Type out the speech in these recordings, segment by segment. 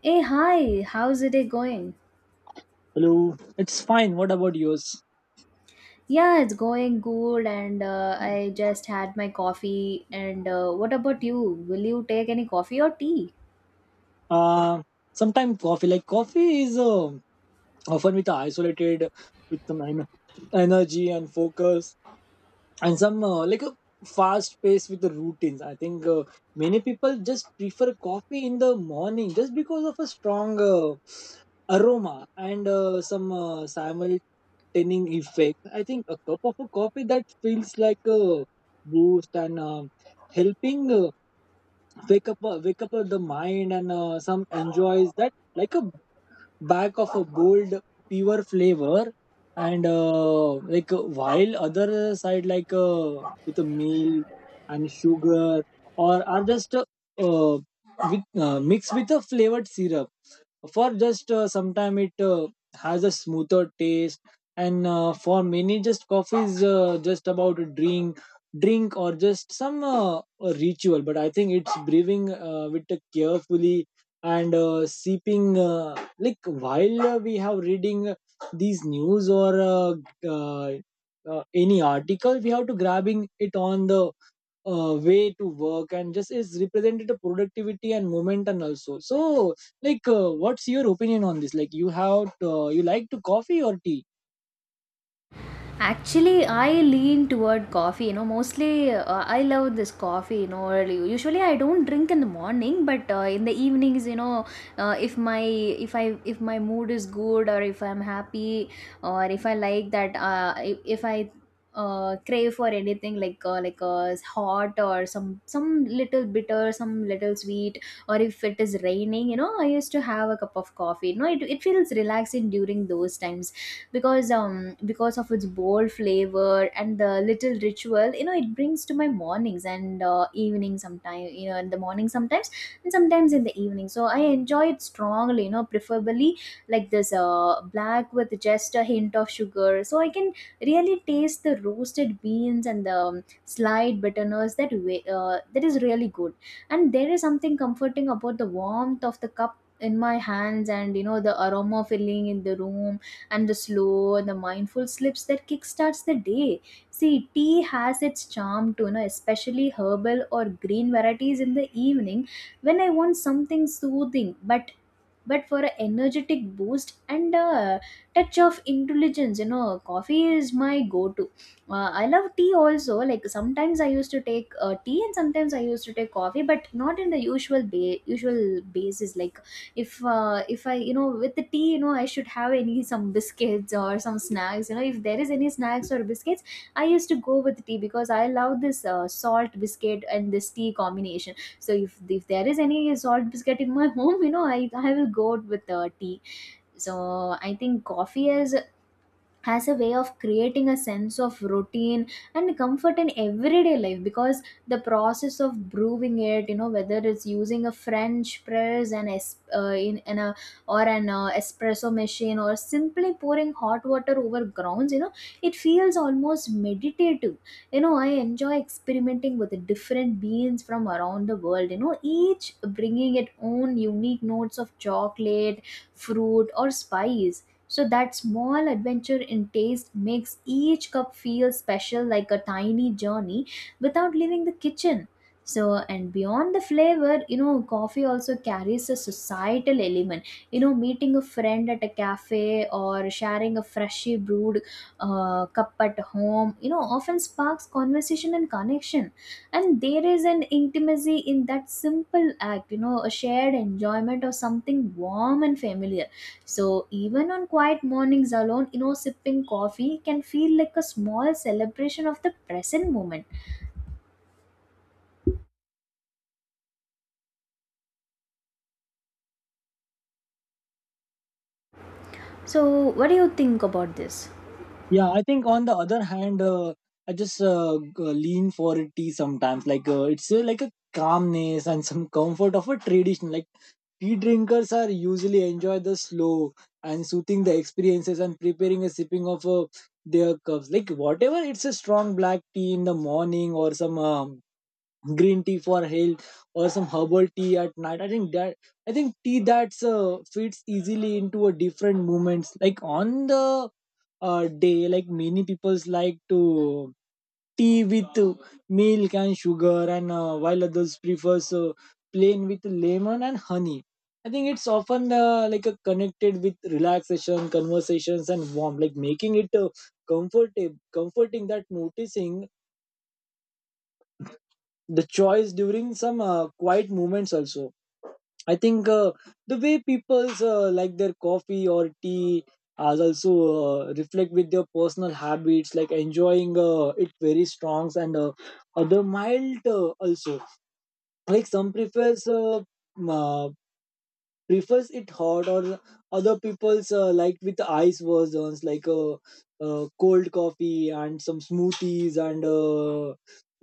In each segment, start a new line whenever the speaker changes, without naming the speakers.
Hey, hi, how's the day going?
Hello. It's fine. What about yours?
Yeah, it's going good, and I just had my coffee. And what about you? Will you take any coffee or tea?
Uh, Sometimes coffee, like coffee is often with isolated with some energy and focus and some like a fast pace with the routines. I think many people just prefer coffee in the morning just because of a strong aroma and some simultaneous effect. I think a cup of a coffee that feels like a boost and helping wake up the mind and some enjoys that like a back of a bold pure flavor and like while other side like with a meal and sugar or are just uh, with, mixed with a flavored syrup for just sometime it has a smoother taste and for many just coffee is just about a drink or just some a ritual, but I think it's brewing with a carefully and sipping like while we have reading these news or uh, any article we have to grabbing it on the way to work and just is represented to productivity and momentum also, so like what's your opinion on this, like you have you like to coffee or tea?
Actually, I lean toward coffee. You know, mostly I love this coffee. You know, early. Usually I don't drink in the morning, but in the evenings, you know, if my mood is good or if I'm happy or if I like that, if I crave for anything like hot or some little bitter, some little sweet, or if it is raining, you know, I used to have a cup of coffee. You know, it feels relaxing during those times because of its bold flavor and the little ritual, you know, it brings to my mornings and evening. Sometimes, you know, in the morning, sometimes, and sometimes in the evening. So I enjoy it strongly, you know, preferably like this, black with just a hint of sugar, so I can really taste the roasted beans and the slight bitterness. That way, that is really good. And there is something comforting about the warmth of the cup in my hands, and you know, the aroma filling in the room, and the slow and the mindful slips that kickstarts the day. See, tea has its charm too, you know, especially herbal or green varieties in the evening when I want something soothing, but for an energetic boost and a touch of intelligence, you know, coffee is my go-to. I love tea also. Like sometimes I used to take tea, and sometimes I used to take coffee, but not in the usual usual basis. Like if I, you know, with the tea, you know, I should have any some biscuits or some snacks. You know, if there is any snacks or biscuits, I used to go with tea because I love this salt biscuit and this tea combination. So if there is any salt biscuit in my home, you know, I will go out with tea. So I think coffee is has a way of creating a sense of routine and comfort in everyday life, because the process of brewing it, you know, whether it's using a french press and in a or an espresso machine, or simply pouring hot water over grounds, you know, it feels almost meditative. You know, I enjoy experimenting with the different beans from around the world, you know, each bringing its own unique notes of chocolate, fruit, or spice. So that small adventure in taste makes each cup feel special, like a tiny journey without leaving the kitchen. So, and beyond the flavor, you know, coffee also carries a societal element. You know, meeting a friend at a cafe or sharing a freshly brewed cup at home, you know, often sparks conversation and connection. And there is an intimacy in that simple act, you know, a shared enjoyment of something warm and familiar. So even on quiet mornings alone, you know, sipping coffee can feel like a small celebration of the present moment. So what do you think about this?
Yeah, I think on the other hand, I just lean for a tea sometimes, like it's like a calmness and some comfort of a tradition. Like tea drinkers are usually enjoy the slow and soothing the experiences and preparing a sipping of their cups, like whatever it's a strong black tea in the morning or some green tea for health or some herbal tea at night. I think tea that's fits easily into a different moments like on the day. Like many people's like to tea with milk and sugar, and while others prefers plain with lemon and honey. I think it's often like a connected with relaxation conversations and warmth, like making it comfortable comforting that noticing the choice during some quiet moments also. I think the way people like their coffee or tea as also reflect with their personal habits, like enjoying it very strongs and other mild also. Like some prefers it hot, or other people's like with ice versions like cold coffee and some smoothies and uh,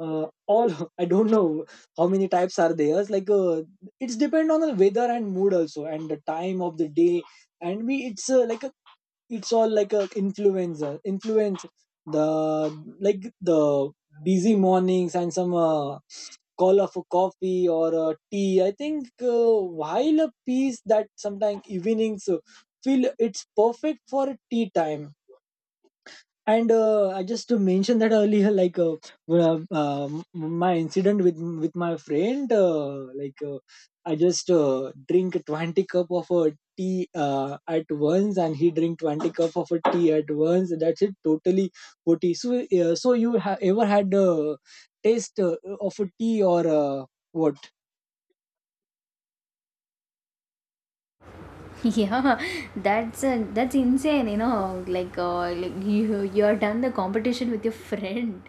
uh, all I don't know how many types are there. It's like it's depend on the weather and mood also and the time of the day, and we it's like a, it's all like a influence the like the busy mornings and some call up for coffee or tea. I think while a piece that sometimes evenings feel it's perfect for tea time. And I just to mention that earlier, like my incident with my friend, like I just drink 20 cup of a tea at once, and he drink 20 cup of a tea at once. That's it, totally 40. So, so you ever had taste of a tea or what?
Yeah, that's insane, you know, like you are done the competition with your friend.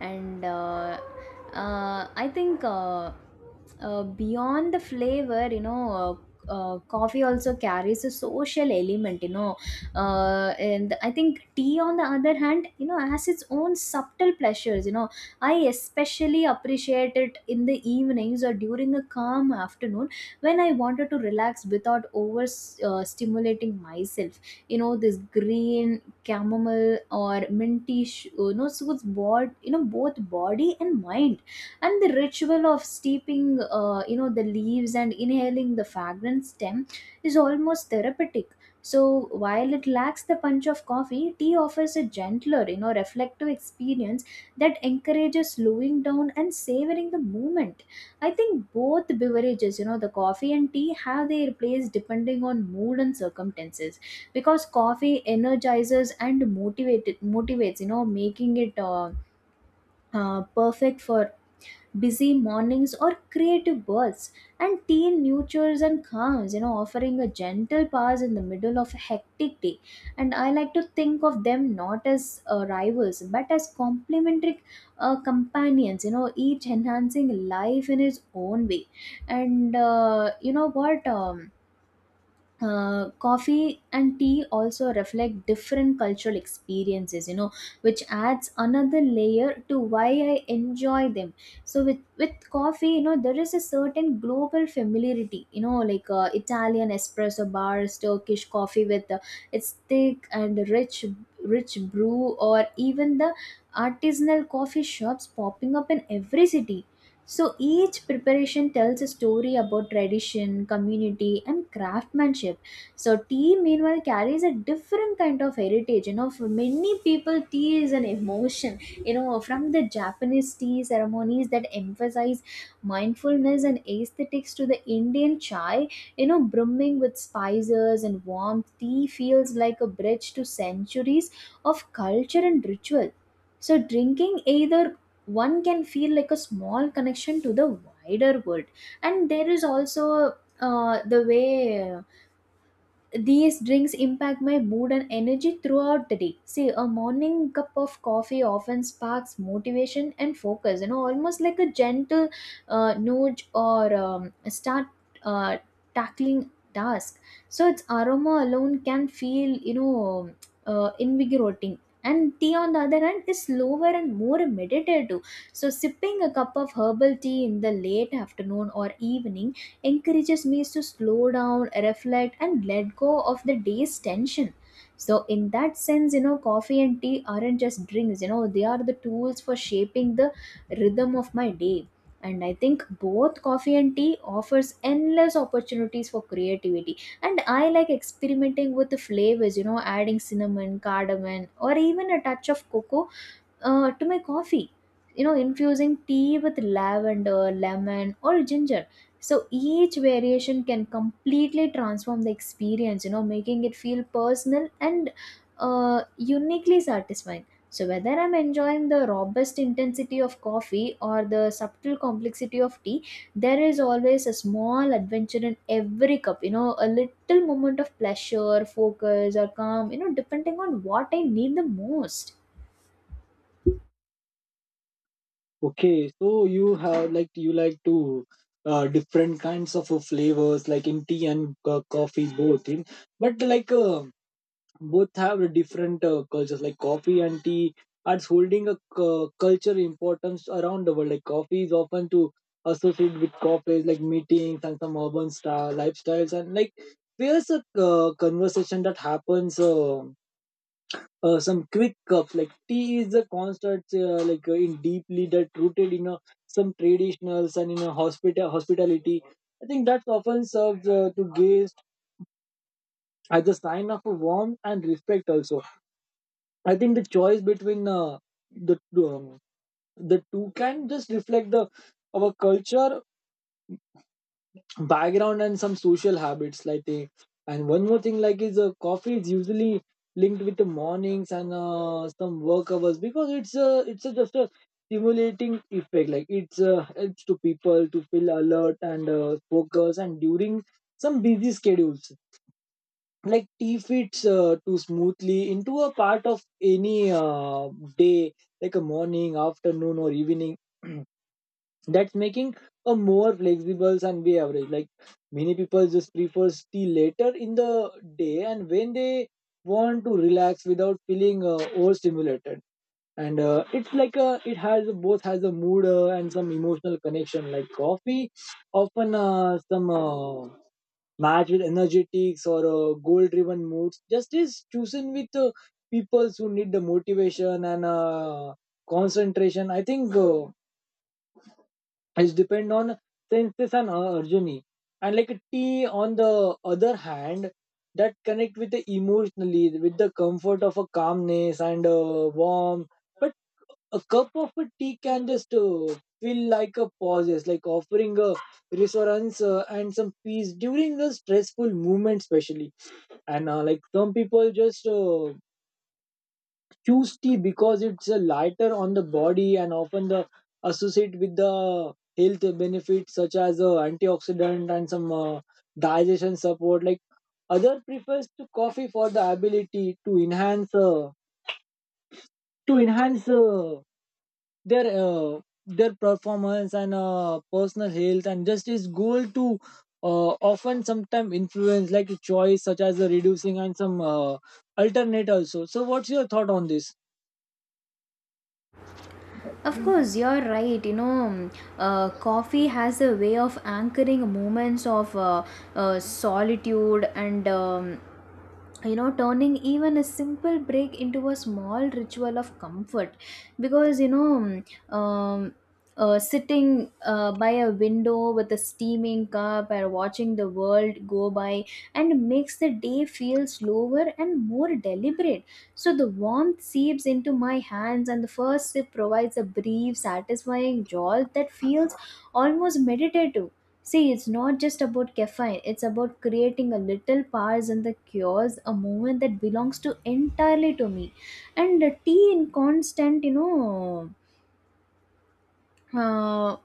And I think beyond the flavor, you know, coffee also carries a social element, you know. And I think tea, on the other hand, you know, has its own subtle pleasures, you know. I especially appreciate it in the evenings or during a calm afternoon when I wanted to relax without over stimulating myself. You know, this green chamomile or minty, you know, soothes you know, both body and mind. And the ritual of steeping, you know, the leaves and inhaling the fragrant stem is almost therapeutic. So while it lacks the punch of coffee, tea offers a gentler, you know, reflective experience that encourages slowing down and savoring the moment. I think both beverages, you know, the coffee and tea have their place depending on mood and circumstances. Because coffee energizes and motivated motivates, you know, making it perfect for busy mornings or creative bursts, and teen nurtures and calms, you know, offering a gentle pause in the middle of a hectic day. And I like to think of them not as rivals, but as complementary companions, you know, each enhancing life in its own way. And you know what, coffee and tea also reflect different cultural experiences, you know, which adds another layer to why I enjoy them. So with coffee, you know, there is a certain global familiarity. You know, like Italian espresso bars, Turkish coffee with its thick and rich brew, or even the artisanal coffee shops popping up in every city. So each preparation tells a story about tradition, community, and craftsmanship. So tea, meanwhile, carries a different kind of heritage. You know, for many people, tea is an emotion. You know, from the Japanese tea ceremonies that emphasize mindfulness and aesthetics, to the Indian chai, you know, brimming with spices and warmth, tea feels like a bridge to centuries of culture and ritual. So, drinking either one can feel like a small connection to the wider world. And there is also the way these drinks impact my mood and energy throughout the day. See, a morning cup of coffee often sparks motivation and focus, you know, almost like a gentle nudge or start uh, tackling task. So its aroma alone can feel, you know, invigorating. And tea, on the other hand, is slower and more meditative. So, sipping a cup of herbal tea in the late afternoon or evening encourages me to slow down, reflect, and let go of the day's tension. So, in that sense, you know, coffee and tea aren't just drinks, you know, they are the tools for shaping the rhythm of my day. And I think both coffee and tea offers endless opportunities for creativity. And I like experimenting with the flavors, you know, adding cinnamon, cardamom, or even a touch of cocoa to my coffee, you know, infusing tea with lavender, lemon, or ginger. So each variation can completely transform the experience, you know, making it feel personal and uniquely satisfying. So whether I'm enjoying the robust intensity of coffee or the subtle complexity of tea, there is always a small adventure in every cup, you know, a little moment of pleasure, focus, or calm, you know, depending on what I need the most.
Okay, so you have like you like to different kinds of flavors like in tea and coffee both in, but like both have a different cultures. Like coffee and tea are holding a culture importance around the world. Like coffee is often to associate with cafes, like meetings and some urban style lifestyles, and like there's a conversation that happens, some quick cups. Like tea is a constant, like in deeply that rooted in a, some traditionals and in a hospitality. I think that's often serves to gaze as a sign of a warmth and respect also. I think the choice between the um, the two can just reflect the our culture background and some social habits like they. And one more thing, like is coffee is usually linked with the mornings and some work hours because it's a, just a stimulating effect. Like it's helps to people to feel alert and focus and during some busy schedules. Like tea fits too smoothly into a part of any day, like a morning, afternoon or evening. That's making a more flexible Sunday average. Like many people just prefer tea later in the day and when they want to relax without feeling overstimulated. And it's like a, it has both has a mood and some emotional connection. Like coffee, often some match with energetics or goal-driven moods. Just is chosen with people who need the motivation and concentration, I think. Is depend on senses and Arjuni. And like tea, on the other hand, that connect with the emotionally, with the comfort of a calmness and a warm. But a cup of a tea can just feel like a pauses, like offering a reassurance and some peace during the stressful moment, especially. And like some people just choose tea because it's a lighter on the body and often the associate with the health benefits such as antioxidant and some digestion support. Like other prefers to coffee for the ability to enhance their their performance and personal health, and just his goal to often sometimes influence like a choice such as the reducing and some alternate also. So what's your thought on this?
Of course, you're right. You know, coffee has a way of anchoring moments of solitude and you know, turning even a simple break into a small ritual of comfort. Because you know, sitting by a window with a steaming cup or watching the world go by and makes the day feel slower and more deliberate. So the warmth seeps into my hands, and the first sip provides a brief, satisfying jolt that feels almost meditative. See, it's not just about caffeine, it's about creating a little pause in the chaos, a moment that belongs to entirely to me. And tea, in constant, you know, uh,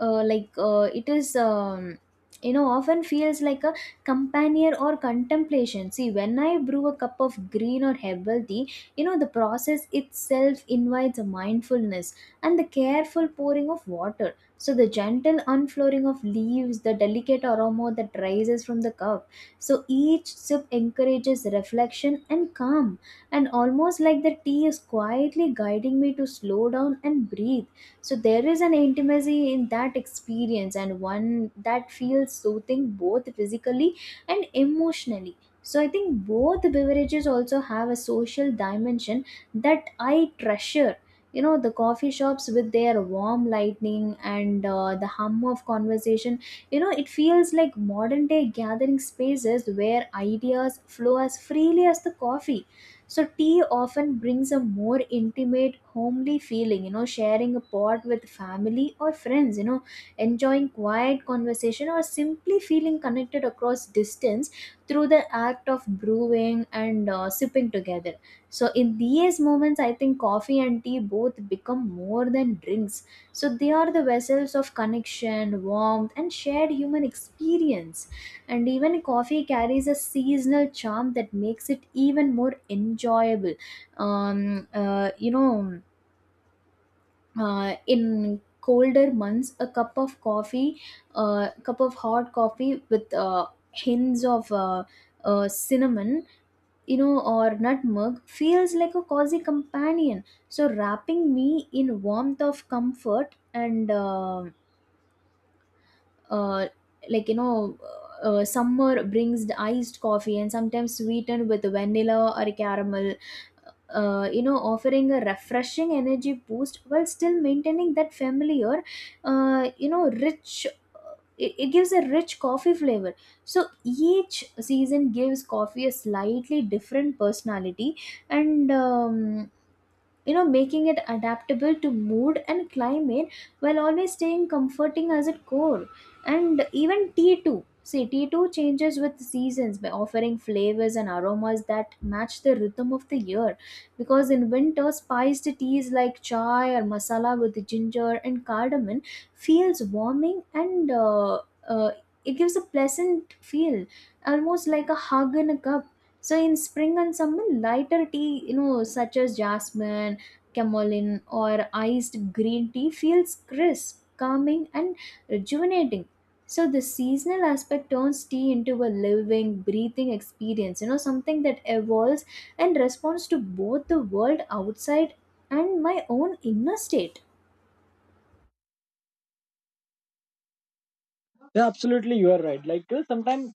like it is, you know, often feels like a companion or contemplation. See, when I brew a cup of green or herbal tea, you know, the process itself invites a mindfulness, and the careful pouring of water, so the gentle unflowering of leaves, the delicate aroma that rises from the cup, so each sip encourages reflection and calm, and almost like the tea is quietly guiding me to slow down and breathe. So there is an intimacy in that experience, and one that feels soothing both physically and emotionally. So I think both beverages also have a social dimension that I treasure. You know, the coffee shops with their warm lighting and the hum of conversation, you know, it feels like modern day gathering spaces where ideas flow as freely as the coffee. So tea often brings a more intimate, homely feeling, you know, sharing a pot with family or friends, you know, enjoying quiet conversation or simply feeling connected across distance through the act of brewing and sipping together. So in these moments, I think coffee and tea both become more than drinks. So they are the vessels of connection, warmth, and shared human experience. And even coffee carries a seasonal charm that makes it even more enjoyable. um, uh, you know in colder months, a cup of coffee, cup of hot coffee with hints of cinnamon or nutmeg, feels like a cozy companion, so wrapping me in warmth of comfort. And uh, like you know Summer brings the iced coffee and sometimes sweetened with vanilla or caramel, offering a refreshing energy boost while still maintaining that familiar, rich, it gives a rich coffee flavor. So each season gives coffee a slightly different personality, and you know making it adaptable to mood and climate, while always staying comforting as its core. And even tea too See, tea too changes with seasons by offering flavors and aromas that match the rhythm of the year, because in winter spiced teas like chai or masala with ginger and cardamom feels warming and uh, it gives a pleasant feel, almost like a hug in a cup. So in spring and summer, lighter tea, such as jasmine, chamomile, or iced green tea feels crisp, calming, and rejuvenating. So the seasonal aspect turns tea into a living, breathing experience, you know, something that evolves and responds to both the world outside and my own inner state.
Yeah, absolutely, you are right. Like sometimes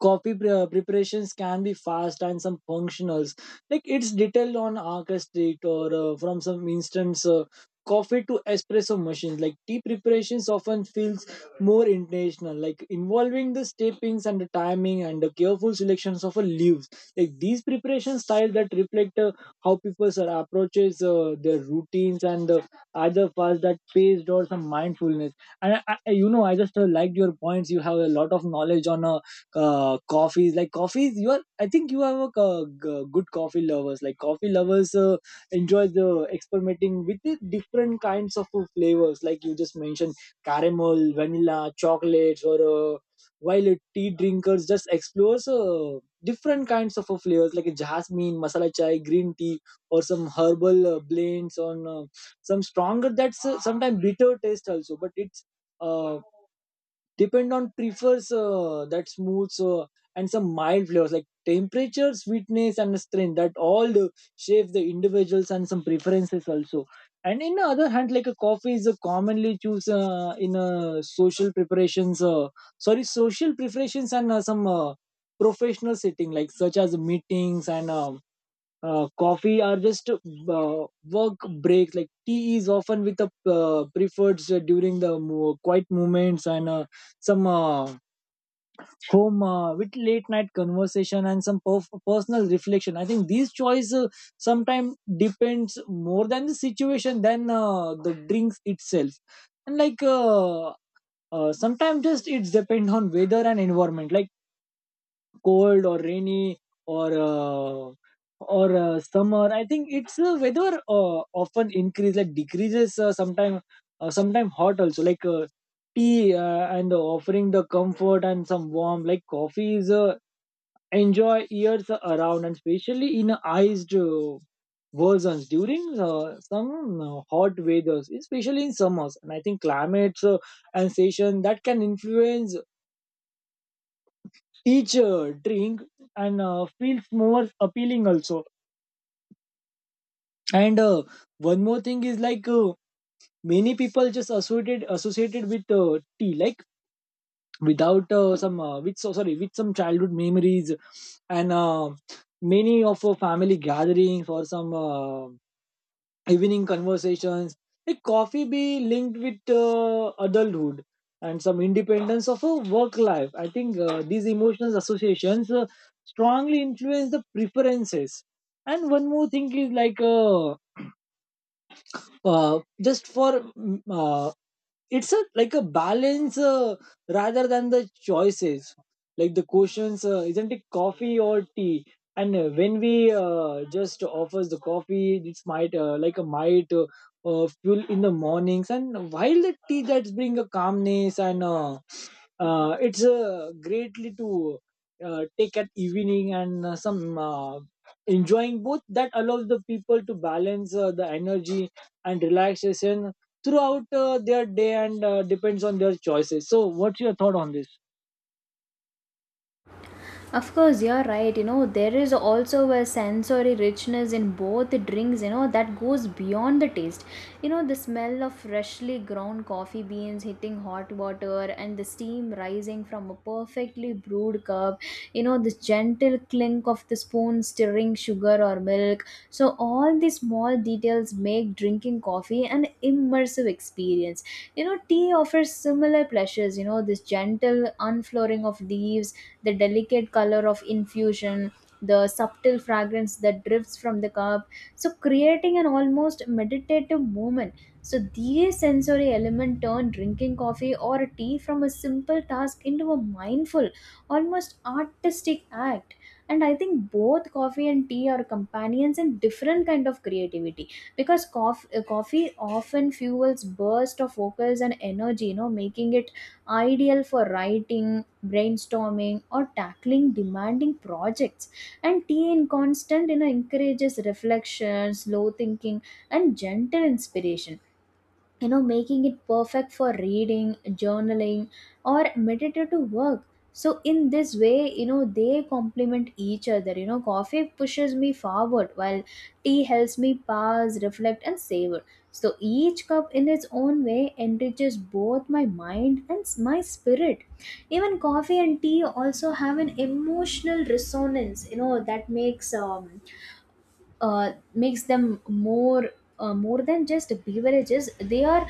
coffee preparations can be fast and some functionals, like it's detailed on arca street or from some instance coffee to espresso machines. Like tea preparations often feels more intentional, like involving the steppings and the timing and the careful selections of a leaves. Like these preparation styles that reflect how people are approaches their routines and either fast that paced or some mindfulness. And I just liked your points. You have a lot of knowledge on coffees, like coffees you are, I think you have a good coffee lovers. Like coffee lovers enjoy the experimenting with the different kinds of flavors like you just mentioned caramel, vanilla, chocolates or uh, while tea drinkers just explores different kinds of flavors like jasmine, masala chai, green tea or some herbal blends on some stronger that's sometimes bitter taste also, but it's uh, depend on prefers that smooth and some mild flavors like temperature, sweetness and strength that all the shape the individuals and some preferences also. And in the other hand, like a coffee is a commonly choose in social preparations and some professional setting like such as meetings and coffee are just work breaks. Like tea is often with the preferred during the quiet moments and some home with late night conversation and some personal reflection. I think these choice sometimes depends more than the situation than the drinks itself. And like sometimes just it's depend on weather and environment. Like cold or rainy or uh, or summer. I think it's weather often increase, like decreases sometime hot also, like tea and offering the comfort and some warm. Like coffee is enjoy years around and especially in iced versions during some hot weathers, especially in summers. And I think climates and season that can influence each drink and feels more appealing also. And One more thing is like many people just associated with tea, like without some with so sorry, with some childhood memories and many of our family gatherings or some evening conversations. Like coffee be linked with adulthood and some independence of a work life. I think these emotional associations strongly influence the preferences. And one more thing is like uh, just for it's a like a balance rather than the choices, like the questions isn't it coffee or tea. And when we just offers the coffee, it's might like a might fuel in the mornings. And while the tea that's bring a calmness and it's greatly to take at evening and some enjoying both that allows the people to balance the energy and relaxation throughout their day and depends on their choices. So what's your thought on this?
Of course, you're right. You know, there is also a sensory richness in both drinks, you know, that goes beyond the taste. You know, the smell of freshly ground coffee beans hitting hot water and the steam rising from a perfectly brewed cup, you know, the gentle clink of the spoon stirring sugar or milk. So all these small details make drinking coffee an immersive experience. You know, tea offers similar pleasures, you know, this gentle unflooring of leaves, the delicate color of infusion, the subtle fragrance that drifts from the cup, so creating an almost meditative moment. So these sensory elements turn drinking coffee or tea from a simple task into a mindful, almost artistic act. And I think both coffee and tea are companions in different kind of creativity, because coffee often fuels burst of focus and energy, you know, making it ideal for writing, brainstorming, or tackling demanding projects. And tea in constant, you know, encourages reflection, slow thinking, and gentle inspiration, you know, making it perfect for reading, journaling, or meditative work. So in this way, you know, they complement each other. You know, coffee pushes me forward, while tea helps me pause, reflect, and savor. So each cup in its own way enriches both my mind and my spirit. Even coffee and tea also have an emotional resonance, you know, that makes them more than just beverages. They are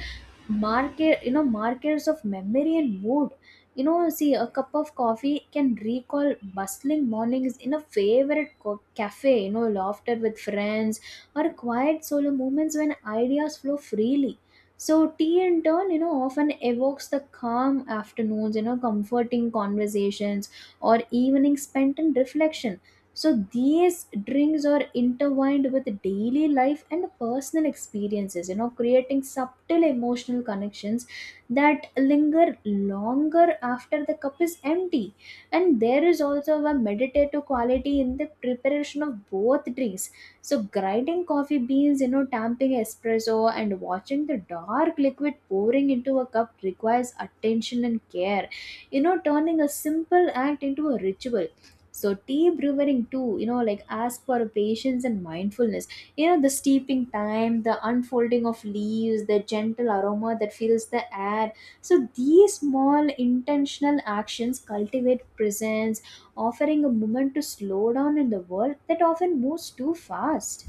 market you know markers of memory and mood. You know, see, a cup of coffee can recall bustling mornings in a favorite cafe, you know, laughter with friends, or quiet solo moments when ideas flow freely. So tea in turn, you know, often evokes the calm afternoons, you know, comforting conversations, or evenings spent in reflection. So these drinks are intertwined with daily life and personal experiences, you know, creating subtle emotional connections that linger longer after the cup is empty. And there is also a meditative quality in the preparation of both drinks. So grinding coffee beans, you know, tamping espresso, and watching the dark liquid pouring into a cup requires attention and care, you know, turning a simple act into a ritual. So tea brewing too, you know, like ask for patience and mindfulness. You know, the steeping time, the unfolding of leaves, the gentle aroma that fills the air. So these small intentional actions cultivate presence, offering a moment to slow down in the world that often moves too fast.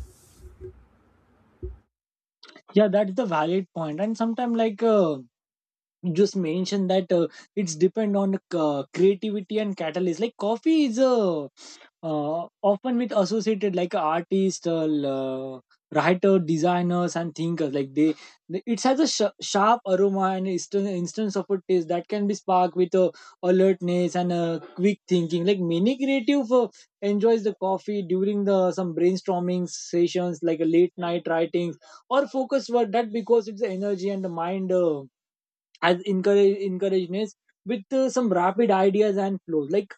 Yeah, that's the valid point. And sometimes like you just mentioned that it's depend on creativity and catalyst. Like coffee is a often with associated like artists, writer, designers, and thinkers. Like it has a sharp aroma and instance of a taste that can be sparked with alertness and quick thinking. Like many creative enjoys the coffee during the some brainstorming sessions, like a late night writings or focus work. That because it's the energy and the mind as encourageness with some rapid ideas and flows. Like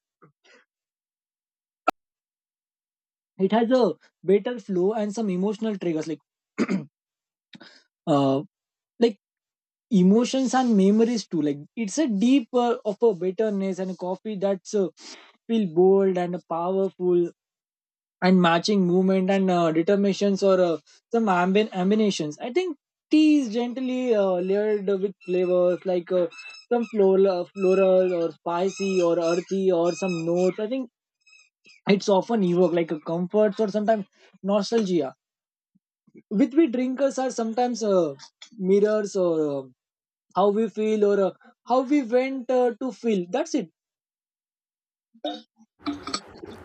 it has a better flow and some emotional triggers like uh like emotions and memories too. Like it's a deep of a bitterness and a coffee that's feel bold and powerful and matching movement and determinations, or some ambient ambitions. I think tea is gently layered with flavors, like some floral or spicy or earthy or some notes. I think it's often evoke like a comfort, or sometimes nostalgia. With we drinkers are sometimes mirrors, or how we feel, or how we went to feel. That's it.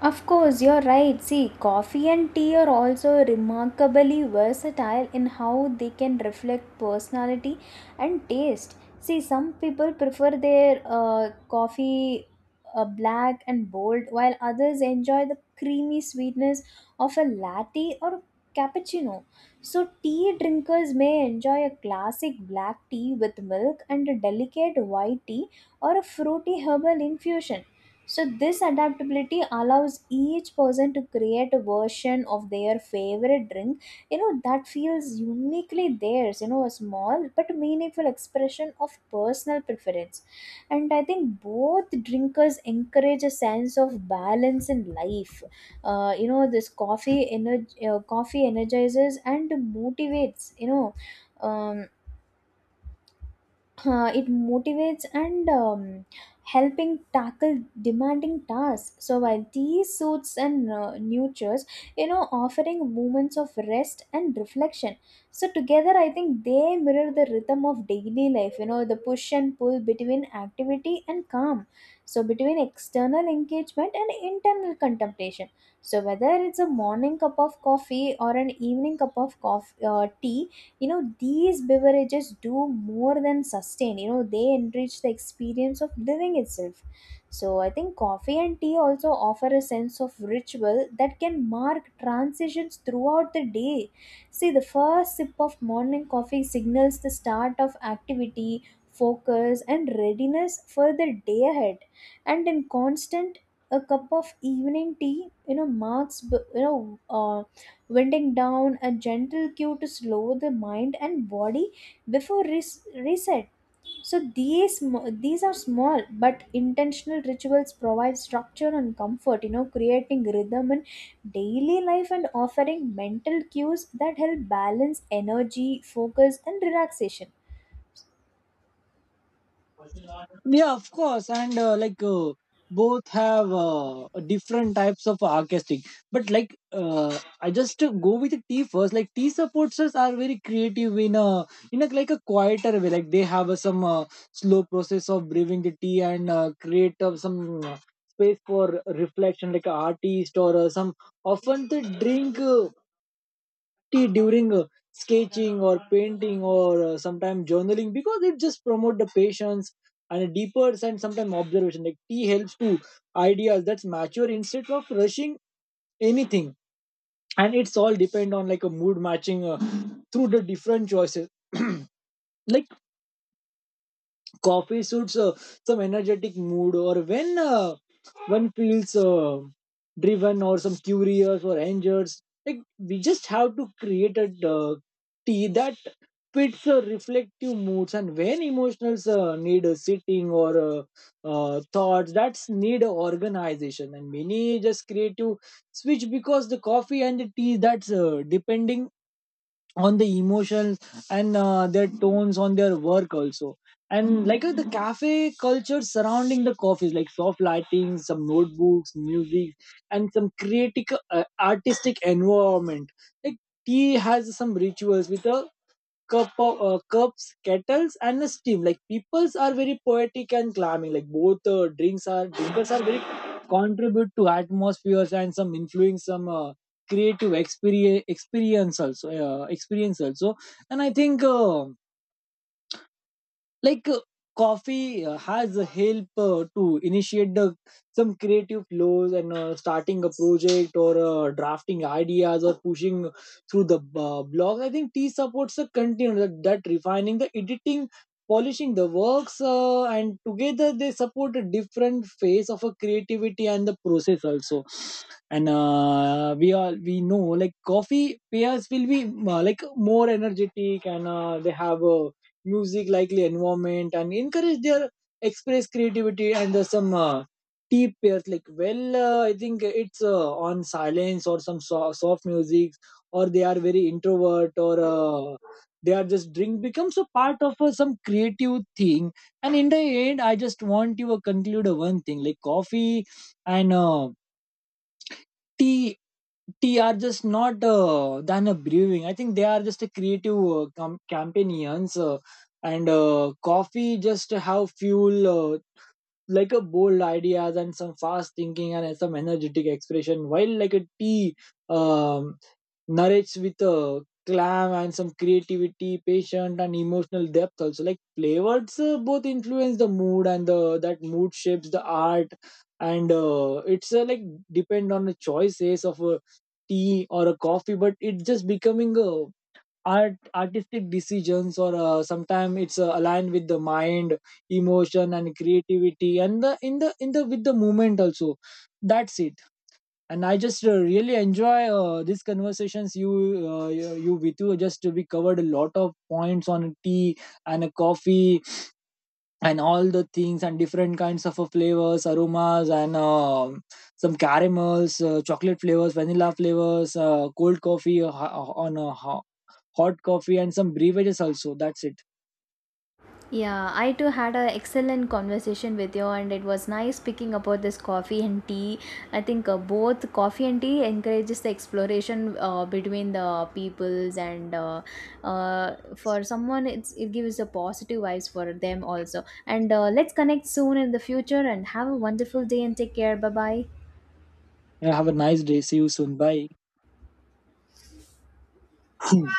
Of course, you're right. See, coffee and tea are also remarkably versatile in how they can reflect personality and taste. See, some people prefer their coffee black and bold, while others enjoy the creamy sweetness of a latte or cappuccino. So tea drinkers may enjoy a classic black tea with milk and a delicate white tea or a fruity herbal infusion. So this adaptability allows each person to create a version of their favorite drink, you know, that feels uniquely theirs, you know, a small but meaningful expression of personal preference. And I think both drinkers encourage a sense of balance in life. You know, this coffee energizes and motivates, you know. Um, it motivates and helping tackle demanding tasks, so while tea soothes and nurtures, you know, offering moments of rest and reflection. So together I think they mirror the rhythm of daily life, you know, the push and pull between activity and calm, so between external engagement and internal contemplation. So whether it's a morning cup of coffee or an evening cup of coffee tea, you know, these beverages do more than sustain. You know, they enrich the experience of living itself. So I think coffee and tea also offer a sense of ritual that can mark transitions throughout the day. See, the first sip of morning coffee signals the start of activity, focus, and readiness for the day ahead. And in constant, a cup of evening tea, you know, marks uh, winding down, a gentle cue to slow the mind and body before reset. So these are small but intentional rituals provide structure and comfort, you know, creating rhythm in daily life and offering mental cues that help balance energy, focus, and relaxation.
Yeah, of course. And both have different types of artistic, but like I just go with the tea first. Like tea supporters are very creative in a, in a like a quieter way. Like they have some slow process of brewing the tea and create some uh, space for reflection, like a artist or some. Often they drink activity during sketching or painting, or sometimes journaling, because it just promote the patience and a deeper and sometimes observation. Like tea helps to ideas that's mature instead of rushing anything. And it's all depend on like a mood matching through the different choices. Like coffee suits some energetic mood, or when one feels driven or some curious or angered. Like we just have to create a tea that fits reflective moods, and when emotionals need a sitting, or thoughts that's need a organization. And many just creative switch, because the coffee and the tea that's depending on the emotions and their tones on their work also. And like the cafe culture surrounding the coffees, like soft lighting, some notebooks, music, and some creative artistic environment. Like tea has some rituals with a cups, kettles, and the steam. Like peoples are very poetic and climbing. Like both drinks are drinkers are very contribute to atmospheres and some influence some creative experience also. And I think. Like uh, coffee has a help to initiate the some creative flows, and starting a project, or drafting ideas, or pushing through the blogs. I think tea supports the content that refining the editing, polishing the works, and together they support a different phase of a creativity and the process also. And we know like coffee pairs will be like more energetic, and they have a music likely environment and encourage their express creativity. And there's some tea pairs like well. I think it's on silence or some soft music, or they are very introvert, or they are just drink becomes a part of some creative thing. And in the end, I just want you to conclude one thing. Like coffee and tea tea are just not than a brewing. I think they are just a creative companions, and coffee just have fuel. Uh, like a bold ideas and some fast thinking and some energetic expression, while like a tea um, narrates with a clam and some creativity, patient and emotional depth also. Like flavors both influence the mood, and the that mood shapes the art. And it's like depend on the choices of a tea or a coffee, but it's just becoming a artistic decisions, or sometimes it's aligned with the mind, emotion and creativity, and the in the in the with the movement also. That's it. And I just really enjoy these conversations. You, Vitu, just we covered a lot of points on tea and a coffee and all the things and different kinds of flavors, aromas, and some caramels, chocolate flavors, vanilla flavors, cold coffee, hot coffee, and some beverages also. That's it.
Yeah, I too had an excellent conversation with you, and it was nice speaking about this coffee and tea. I think both coffee and tea encourages the exploration between the peoples, and for someone, it gives a positive vibes for them also. And let's connect soon in the future, and have a wonderful day and take care. Bye bye.
Yeah, have a nice day. See you soon. Bye.